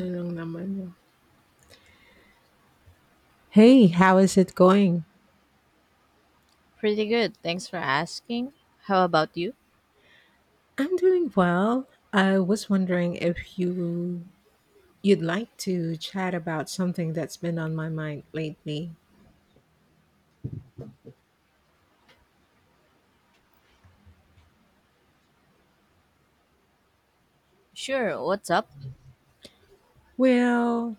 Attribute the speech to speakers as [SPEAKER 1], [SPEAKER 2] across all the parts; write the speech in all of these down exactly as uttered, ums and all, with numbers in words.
[SPEAKER 1] Anong naman yun? Hey, how is it going?
[SPEAKER 2] Pretty good, thanks for asking. How about you?
[SPEAKER 1] I'm doing well. I was wondering if you you'd like to chat about something that's been on my mind lately.
[SPEAKER 2] Sure, what's up?
[SPEAKER 1] Well,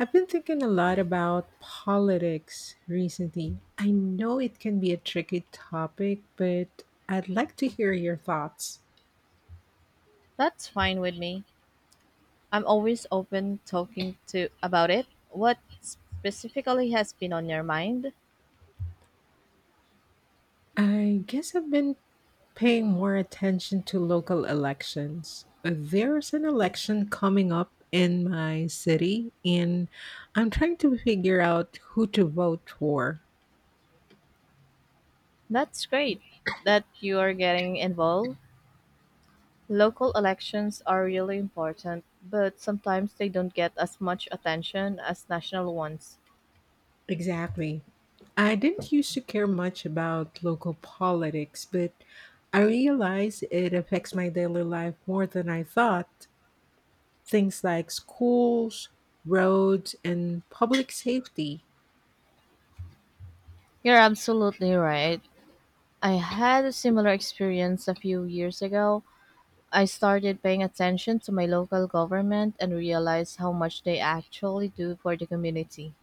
[SPEAKER 1] I've been thinking a lot about politics recently. I know it can be a tricky topic, but I'd like to hear your thoughts.
[SPEAKER 2] That's fine with me. I'm always open talking to about it. What specifically has been on your mind?
[SPEAKER 1] I guess I've been Paying more attention to local elections. Uh, There's an election coming up in my city, and I'm trying to figure out who to vote for.
[SPEAKER 2] That's great that you are getting involved. Local elections are really important, but sometimes they don't get as much attention as national ones.
[SPEAKER 1] Exactly. I didn't used to care much about local politics, but I realize it affects my daily life more than I thought. Things like schools, roads, and public safety.
[SPEAKER 2] You're absolutely right. I had a similar experience a few years ago. I started paying attention to my local government and realized how much they actually do for the community.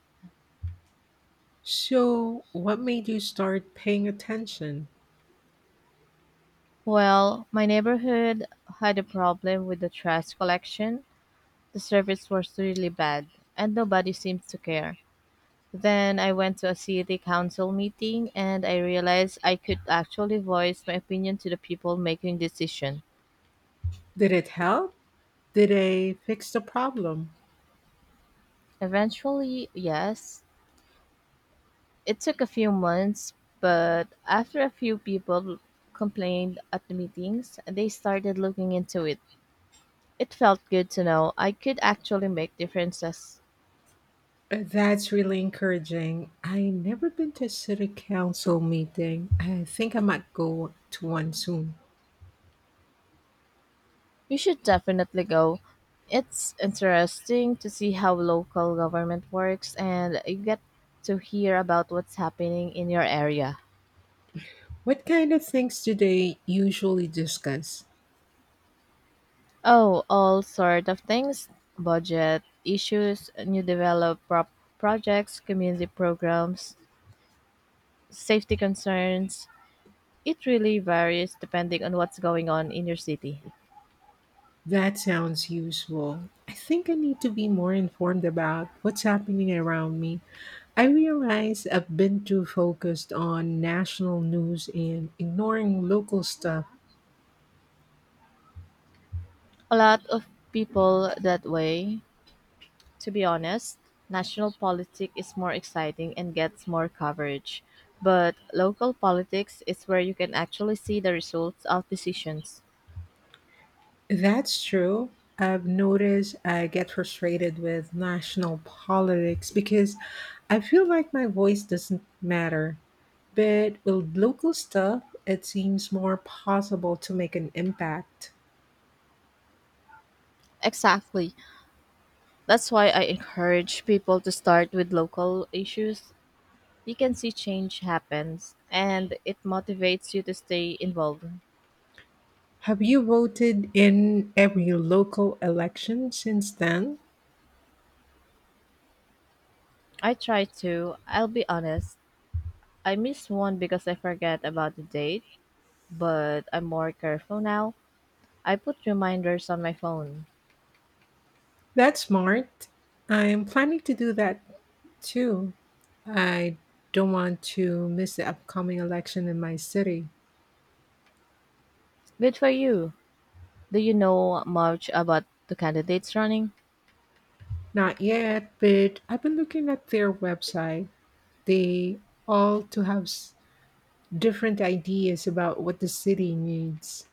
[SPEAKER 1] So, what made you start paying attention?
[SPEAKER 2] Well, my neighborhood had a problem with the trash collection. The service was really bad, and nobody seemed to care. Then I went to a city council meeting and I realized I could actually voice my opinion to the people making decision.
[SPEAKER 1] Did it help? Did they fix the problem?
[SPEAKER 2] Eventually, yes, it took a few months, but after a few people complained at the meetings, they started looking into it. It felt good to know I could actually make differences.
[SPEAKER 1] Uh, That's really encouraging. I never been to a city council meeting. I think I might go to one soon.
[SPEAKER 2] You should definitely go. It's interesting to see how local government works and you get to hear about what's happening in your area.
[SPEAKER 1] What kind of things do they usually discuss?
[SPEAKER 2] Oh, all sort of things, budget issues, new develop pro- projects, community programs, safety concerns. It really varies depending on what's going on in your city.
[SPEAKER 1] That sounds useful. I think I need to be more informed about what's happening around me. I realize I've been too focused on national news and ignoring local stuff.
[SPEAKER 2] A lot of people that way. To be honest, national politics is more exciting and gets more coverage. But local politics is where you can actually see the results of decisions.
[SPEAKER 1] That's true. I've noticed I get frustrated with national politics because I feel like my voice doesn't matter. But with local stuff, it seems more possible to make an impact.
[SPEAKER 2] Exactly. That's why I encourage people to start with local issues. You can see change happens and it motivates you to stay involved.
[SPEAKER 1] Have you voted in every local election since then?
[SPEAKER 2] I try to, I'll be honest. I missed one because I forget about the date, but I'm more careful now. I put reminders on my phone.
[SPEAKER 1] That's smart. I'm planning to do that too. I don't want to miss the upcoming election in my city.
[SPEAKER 2] Good for you. Do you know much about the candidates running?
[SPEAKER 1] Not yet, but I've been looking at their website. They all to have s- different ideas about what the city needs.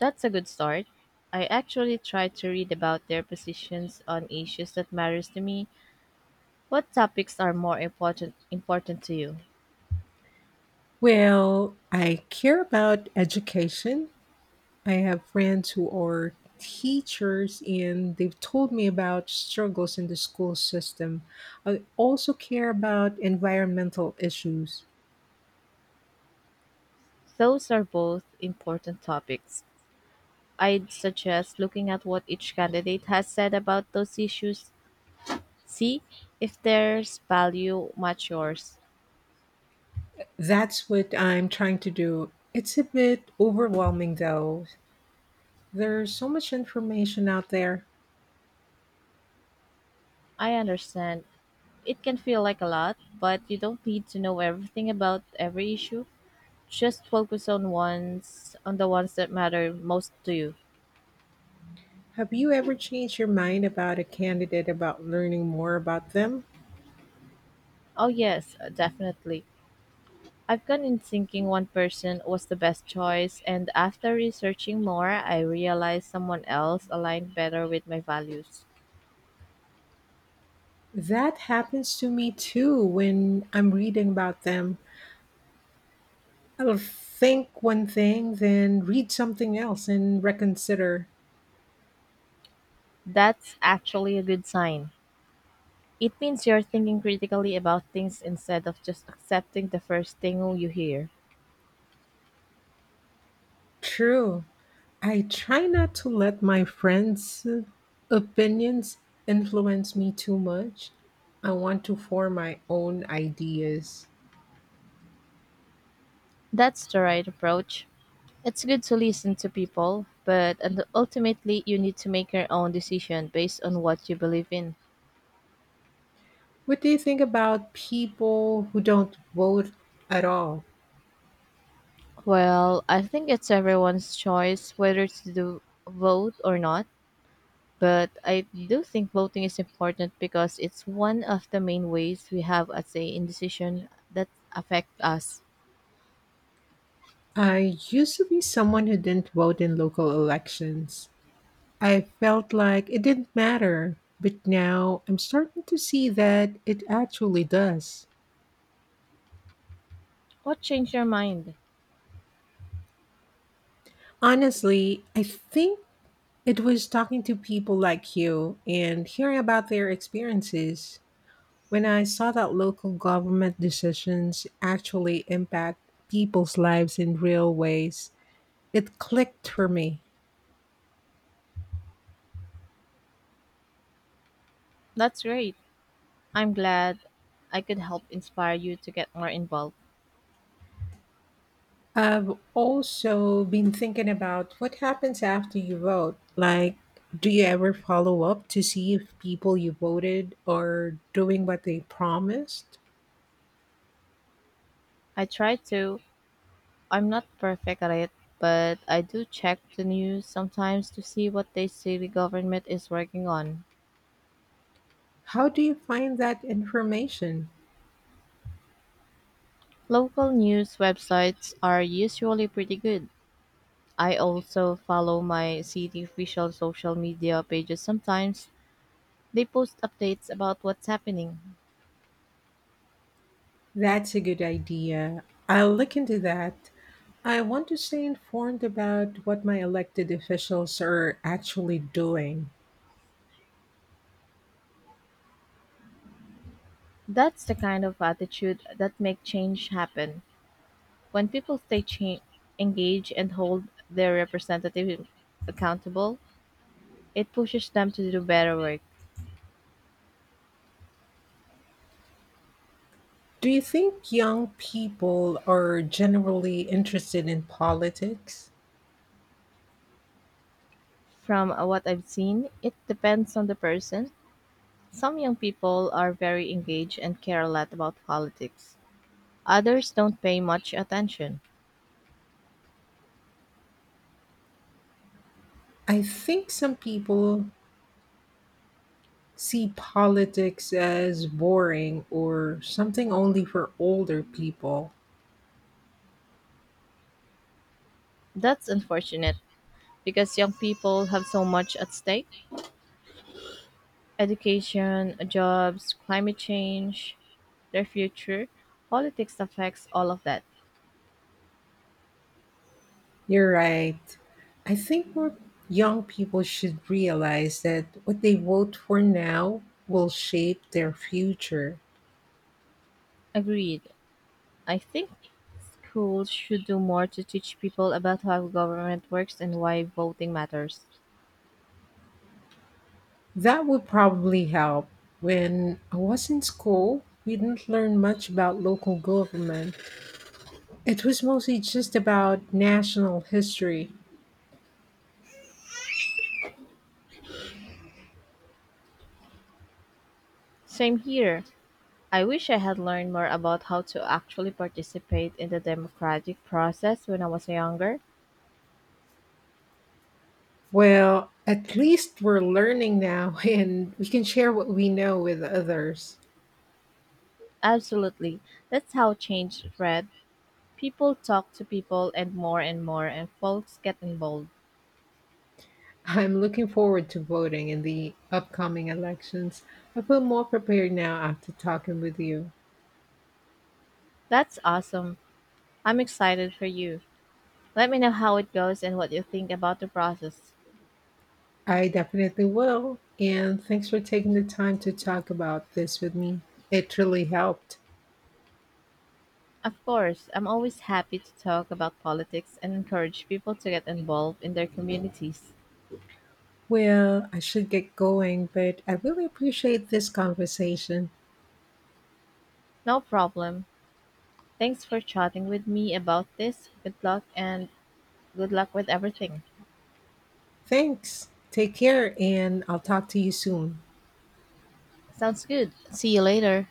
[SPEAKER 2] That's a good start. I actually try to read about their positions on issues that matters to me. What topics are more important important to you?
[SPEAKER 1] Well, I care about education. I have friends who are teachers and they've told me about struggles in the school system. I also care about environmental issues.
[SPEAKER 2] Those are both important topics. I'd suggest looking at what each candidate has said about those issues. See if there's value match yours.
[SPEAKER 1] That's what I'm trying to do. It's a bit overwhelming though. There's so much information out there.
[SPEAKER 2] I understand. It can feel like a lot, but you don't need to know everything about every issue. Just focus on ones on the ones that matter most to you.
[SPEAKER 1] Have you ever changed your mind about a candidate about learning more about them?
[SPEAKER 2] Oh yes, uh, definitely. I've gone in thinking one person was the best choice and after researching more I realized someone else aligned better with my values.
[SPEAKER 1] That happens to me too when I'm reading about them. I'll think one thing, then read something else and reconsider.
[SPEAKER 2] That's actually a good sign. It means you're thinking critically about things instead of just accepting the first thing you hear.
[SPEAKER 1] True. I try not to let my friends' opinions influence me too much. I want to form my own ideas.
[SPEAKER 2] That's the right approach. It's good to listen to people, but and ultimately, you need to make your own decision based on what you believe in.
[SPEAKER 1] What do you think about people who don't vote at all?
[SPEAKER 2] Well, I think it's everyone's choice whether to do vote or not, but I do think voting is important because it's one of the main ways we have a say in decision that affect us.
[SPEAKER 1] I used to be someone who didn't vote in local elections. I felt like it didn't matter, but now I'm starting to see that it actually does.
[SPEAKER 2] What changed your mind?
[SPEAKER 1] Honestly, I think it was talking to people like you and hearing about their experiences when I saw that local government decisions actually impact people's lives in real ways. It clicked for me.
[SPEAKER 2] That's great. I'm glad I could help inspire you to get more involved.
[SPEAKER 1] I've also been thinking about what happens after you vote. Like, do you ever follow up to see if people you voted are doing what they promised?
[SPEAKER 2] I try to. I'm not perfect at it, but I do check the news sometimes to see what they say the government is working on.
[SPEAKER 1] How do you find that information?
[SPEAKER 2] Local news websites are usually pretty good. I also follow my city official social media pages sometimes. They post updates about what's happening.
[SPEAKER 1] That's a good idea. I'll look into that. I want to stay informed about what my elected officials are actually doing.
[SPEAKER 2] That's the kind of attitude that make change happen. When people stay cha- engaged and hold their representatives accountable, it pushes them to do better work.
[SPEAKER 1] Do you think young people are generally interested in politics?
[SPEAKER 2] From uh, what I've seen, it depends on the person. Some young people are very engaged and care a lot about politics. Others don't pay much attention.
[SPEAKER 1] I think some people see politics as boring or something only for older people.
[SPEAKER 2] That's unfortunate because young people have so much at stake: education, jobs, climate change, their future. Politics affects all of that.
[SPEAKER 1] You're right. I think more young people should realize that what they vote for now will shape their future.
[SPEAKER 2] Agreed. I think schools should do more to teach people about how government works and why voting matters.
[SPEAKER 1] That would probably help. When I was in school, we didn't learn much about local government. It was mostly just about national history.
[SPEAKER 2] Same here. I wish I had learned more about how to actually participate in the democratic process when I was younger.
[SPEAKER 1] Well, at least we're learning now and we can share what we know with others.
[SPEAKER 2] Absolutely. That's how change spread. People talk to people and more and more, and folks get involved.
[SPEAKER 1] I'm looking forward to voting in the upcoming elections. I feel more prepared now after talking with you.
[SPEAKER 2] That's awesome. I'm excited for you. Let me know how it goes and what you think about the process.
[SPEAKER 1] I definitely will. And thanks for taking the time to talk about this with me. It really helped.
[SPEAKER 2] Of course, I'm always happy to talk about politics and encourage people to get involved in their communities.
[SPEAKER 1] Well, I should get going, but I really appreciate this conversation.
[SPEAKER 2] No problem. Thanks for chatting with me about this. Good luck and good luck with everything.
[SPEAKER 1] Thanks. Take care, and I'll talk to you soon.
[SPEAKER 2] Sounds good. See you later.